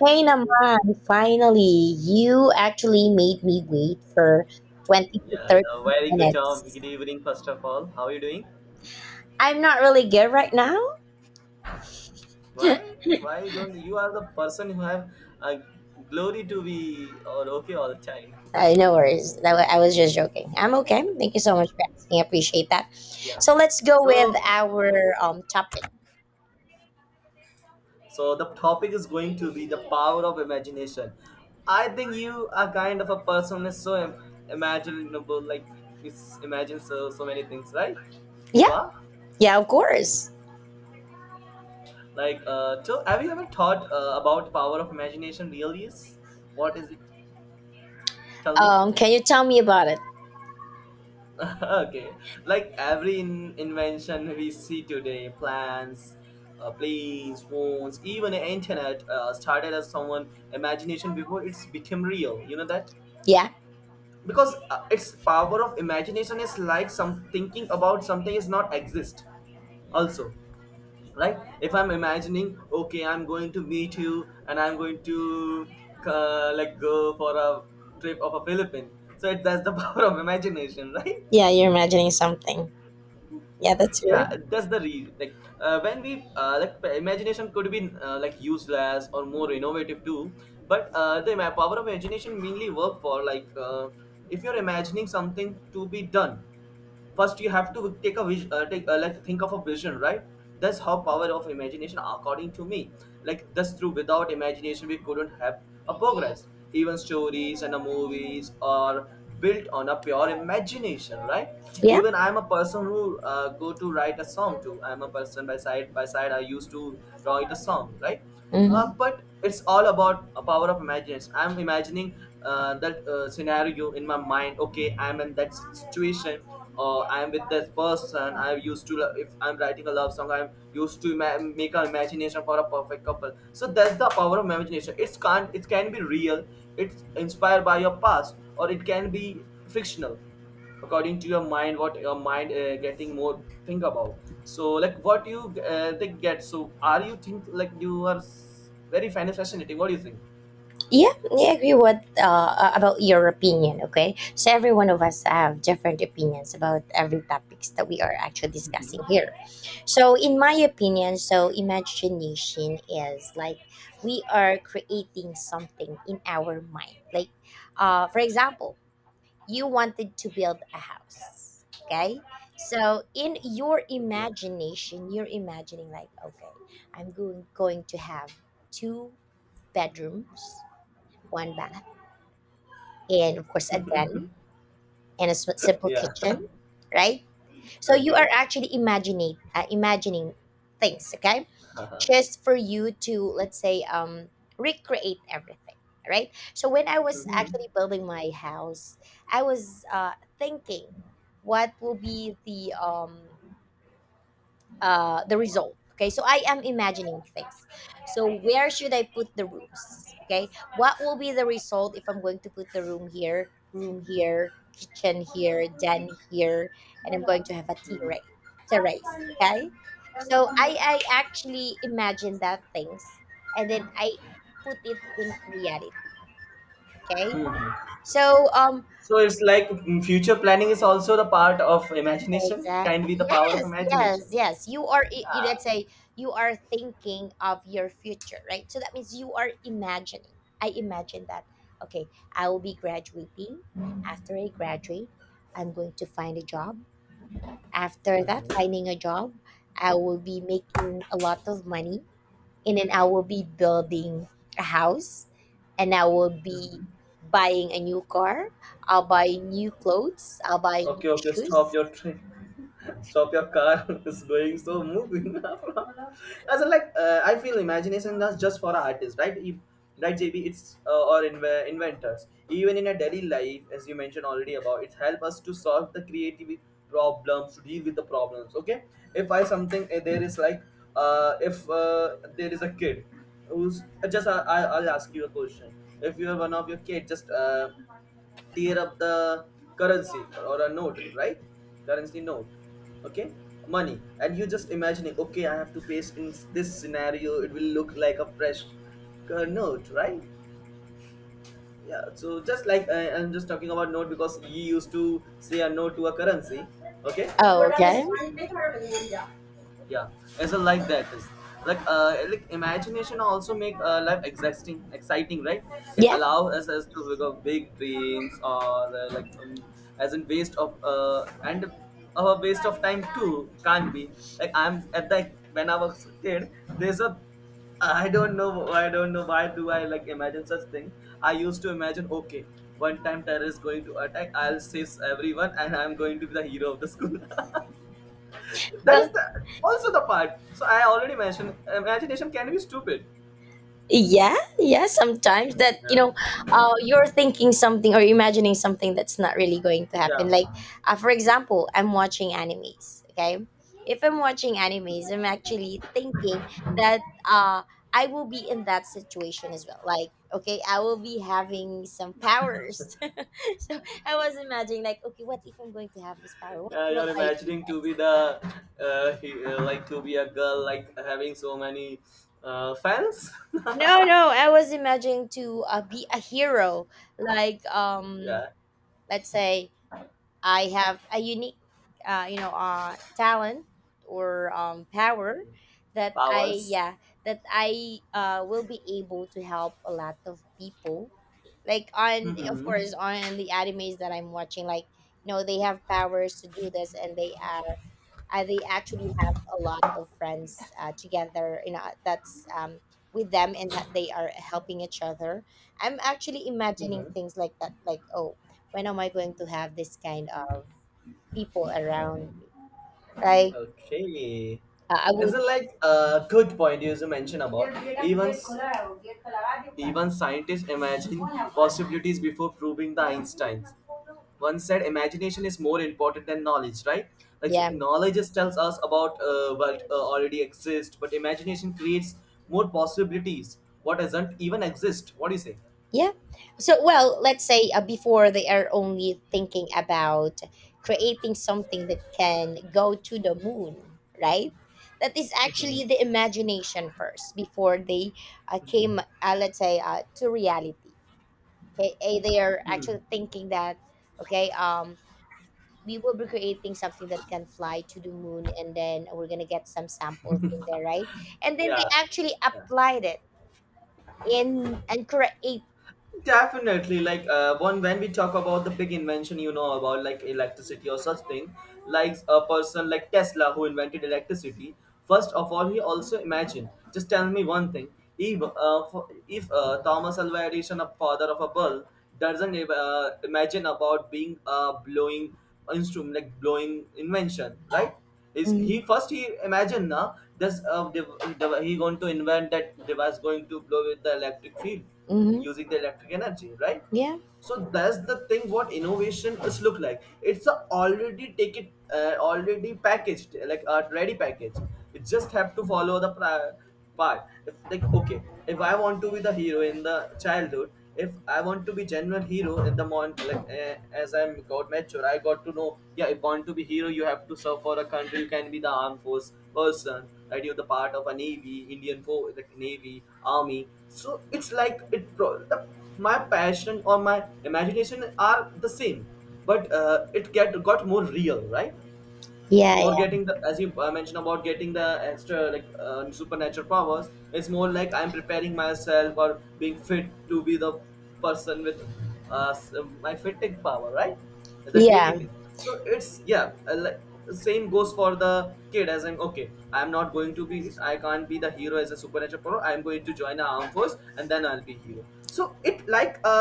Hey naman, Yeah, finally, you actually made me wait for 20 to yeah, 30 very good job. minutes. Good evening, first of all. How are you doing? I'm not really good right now. Why, why don't you are the person who have uh, glory to be all okay all the time? No worries. I was just joking. I'm okay. Thank you so much for asking. I appreciate that. yeah. So let's go with So, our topic. so the topic is going to be the power of imagination. I think you are kind of a person who is imaginable, like you imagine so many things, right? You Yeah, are yeah, of course. like So, have you ever thought about power of imagination? Really is what is it? Tell me. Can you tell me about it? okay, like every invention we see today plans planes, phones, even internet started as someone imagination before it's became real, you know that, Yeah, because its power of imagination is like some thinking about something is not exist also, right? If I'm imagining, okay, I'm going to meet you and I'm going to like go for a trip of a philippine, so it, that's the power of imagination, right? yeah, you're imagining something. Yeah, that's right. Yeah, that's the reason, like when we like imagination could be like useless or more innovative too, but the power of imagination mainly work for like if you're imagining something to be done, first you have to take a vision, take like think of a vision, right? That's how power of imagination according to me. Like that's true, without imagination we couldn't have a progress. Even stories and the movies are built on a pure imagination, right? Yeah. Even I'm a person who go to write a song too. I'm a person by side I used to write a song, right? Mm-hmm. But it's all about a power of imagination. I'm imagining that scenario in my mind. Okay, I'm in that situation or I'm with that person. I used to if I'm writing a love song, I'm used to make an imagination for a perfect couple. So that's the power of imagination. It's can't, it can be real. It's inspired by your past, or it can be fictional according to your mind, what your mind getting more think about. So like what you they get. So are you think like you are very fan of fascinating? What do you think? Yeah, I agree with about your opinion. Okay, so every one of us have different opinions about every topics that we are actually discussing here. So, in my opinion, so imagination is like we are creating something in our mind. Like, for example, you wanted to build a house. Okay, so in your Okay. imagination, you're imagining like, okay, I'm going to have two bedrooms, one bath, and of course a den, and a simple Yeah. kitchen, right? So you are okay. actually imagining things, okay? Uh-huh. Just for you to, let's say, recreate everything, right? So when I was Mhm. actually building my house, I was thinking what will be the result. Okay, so I am imagining things. So where should I put the rooms? Okay, what will be the result if I'm going to put the room here, kitchen here, den here, and I'm going to have a Mhm. terrace? Terrace. Okay, so I actually imagine that things, and then I put it in reality. Okay, Mhm. so So it's like future planning is also the part of imagination, exactly. kindly the power of Yes, imagination. yes, yes. You, Yeah. let's say, you are thinking of your future, right? So that means you are imagining. I imagine that, okay, I will be graduating. After I graduate, I'm going to find a job. After that, Mhm. finding a job, I will be making a lot of money. And then I will be building a house. And I will be Mhm. buying a new car. I'll buy new clothes. I'll buy new Okay, okay, stop shoes. your train, stop your car, is going so moving. As in like I feel imagination is just for artists, right? If, right JB, it's or inventors, even in a daily life, as you mentioned already about it, help us to solve the creative problems, to deal with the problems. Okay, if I something, there is like if there is a kid who's just I'll ask you a question. If you're one of your kid just tear up the currency or a note, right? Currency note. Okay, money, and you just imagining, okay, I have to pay in this scenario. It will look like a fresh note, right? Yeah, so just like I'm just talking about note because he used to say a no to a currency. Okay. Oh, okay. Yeah. It's a like that is like imagination also make life exciting, exciting, right? It Yeah, allows us to big up big dreams, or as in waste of and a waste of time too, can't be. Like I'm at the when I was a kid, there's a I don't know. I don't know why do I like imagine such things. I used to imagine, okay, one time terror is going to attack. I'll save everyone, and I'm going to be the hero of the school. That is well, the also the part. So I already mentioned imagination can be stupid. yeah, yeah. Sometimes that, you Yeah, know, you're thinking something or imagining something that's not really going to happen. yeah, Like, for example, I'm watching animes. Okay, if I'm watching animes, I'm actually thinking that uh, I will be in that situation as well. Like, okay, I will be having some powers. So I was imagining, like, okay, what if I'm going to have this power? What yeah. will You're I do? imagining to Next? be the like to be a girl like having so many fans. No, no, I was imagining to be a hero, like Yeah, let's say I have a unique, talent or power that powers. That I will be able to help a lot of people. Like on, of Hmm. course, on the animes that I'm watching, like you know, they have powers to do this, and they actually have a lot of friends together. You know, that's with them, and that they are helping each other. I'm actually imagining things like that. Like, oh, when am I going to have this kind of people around me? Like, Okay. I Is would, it like a good point you mentioned about even even scientists imagine possibilities before proving the Einsteins. One said imagination is more important than knowledge, right? Like yeah. knowledge just tells us about what already exists, but imagination creates more possibilities. What doesn't even exist. What do you say? Yeah. So, well, let's say before they are only thinking about creating something that can go to the moon, right? That is Mhm. actually the imagination first before they came, let's say, to reality. Okay. They are actually thinking that, okay, we will be creating something that can fly to the moon, and then we're going to get some samples in there, right? And then they Yeah. actually Yeah. applied it in and create. Definitely, like one when we talk about the big invention, you know about like electricity or such thing, like a person like Tesla who invented electricity. First of all, he also imagined. Just tell me one thing: if Thomas Alva Edison, a father of a bulb, doesn't imagine about being a blowing instrument, like blowing invention, right? Is he first he imagine now this he going to invent that device going to blow with the electric field? Mm-hmm. Using the electric energy, right? Yeah. So that's the thing what innovation is look like. It's a already take it already packaged like a ready package. You just have to follow the part. If, like okay, if I want to be the hero in the childhood, if I want to be genuine hero at the moment, like as I'm got mature, I got to know. Yeah, if want to be hero, you have to serve for a country. You can be the armed force person, right? You're the part of a navy, Indian force, like navy, army. So it's like it. My passion or my imagination are the same, but it get got more real, right? Yeah, More yeah, getting the as you mentioned about getting the extra like supernatural powers, it's more like I'm preparing myself or being fit to be the person with my fitting power, right? It's a daily yeah, thing, so it's yeah like, same goes for the kid. As in okay, I'm not going to be, I can't be the hero as a supernatural power. I'm going to join the armed force, and then I'll be hero. So it like a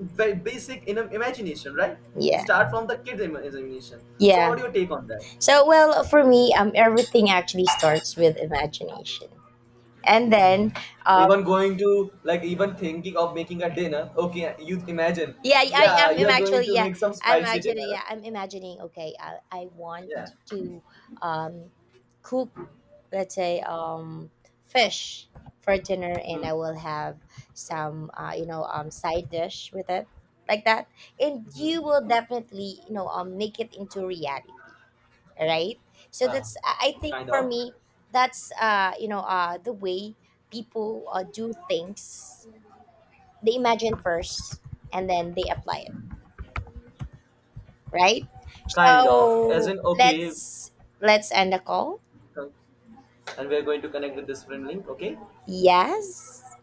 very basic in imagination, right? yeah. Start from the kid's imagination. So Yeah. what do you take on that? So, well, for me, everything actually starts with imagination, and Hmm. then, um, Even going to like even thinking of making a dinner. Okay, you imagine. yeah, I Yeah, am I'm you're going actually, to yeah, make some I'm spicy actually, dinner. yeah, I'm imagining. Okay, I want Yeah. to, um, cook, let's say, fish for dinner, and Hmm. I will have some, side dish with it, like that, and you will definitely, make it into reality, right? So Ah, that's I think kind for of. me that's the way people do things. They imagine first and then they apply it, right? Kind of. As So in, okay, let's end the call. and we're going to connect with this friend link, okay? Yes.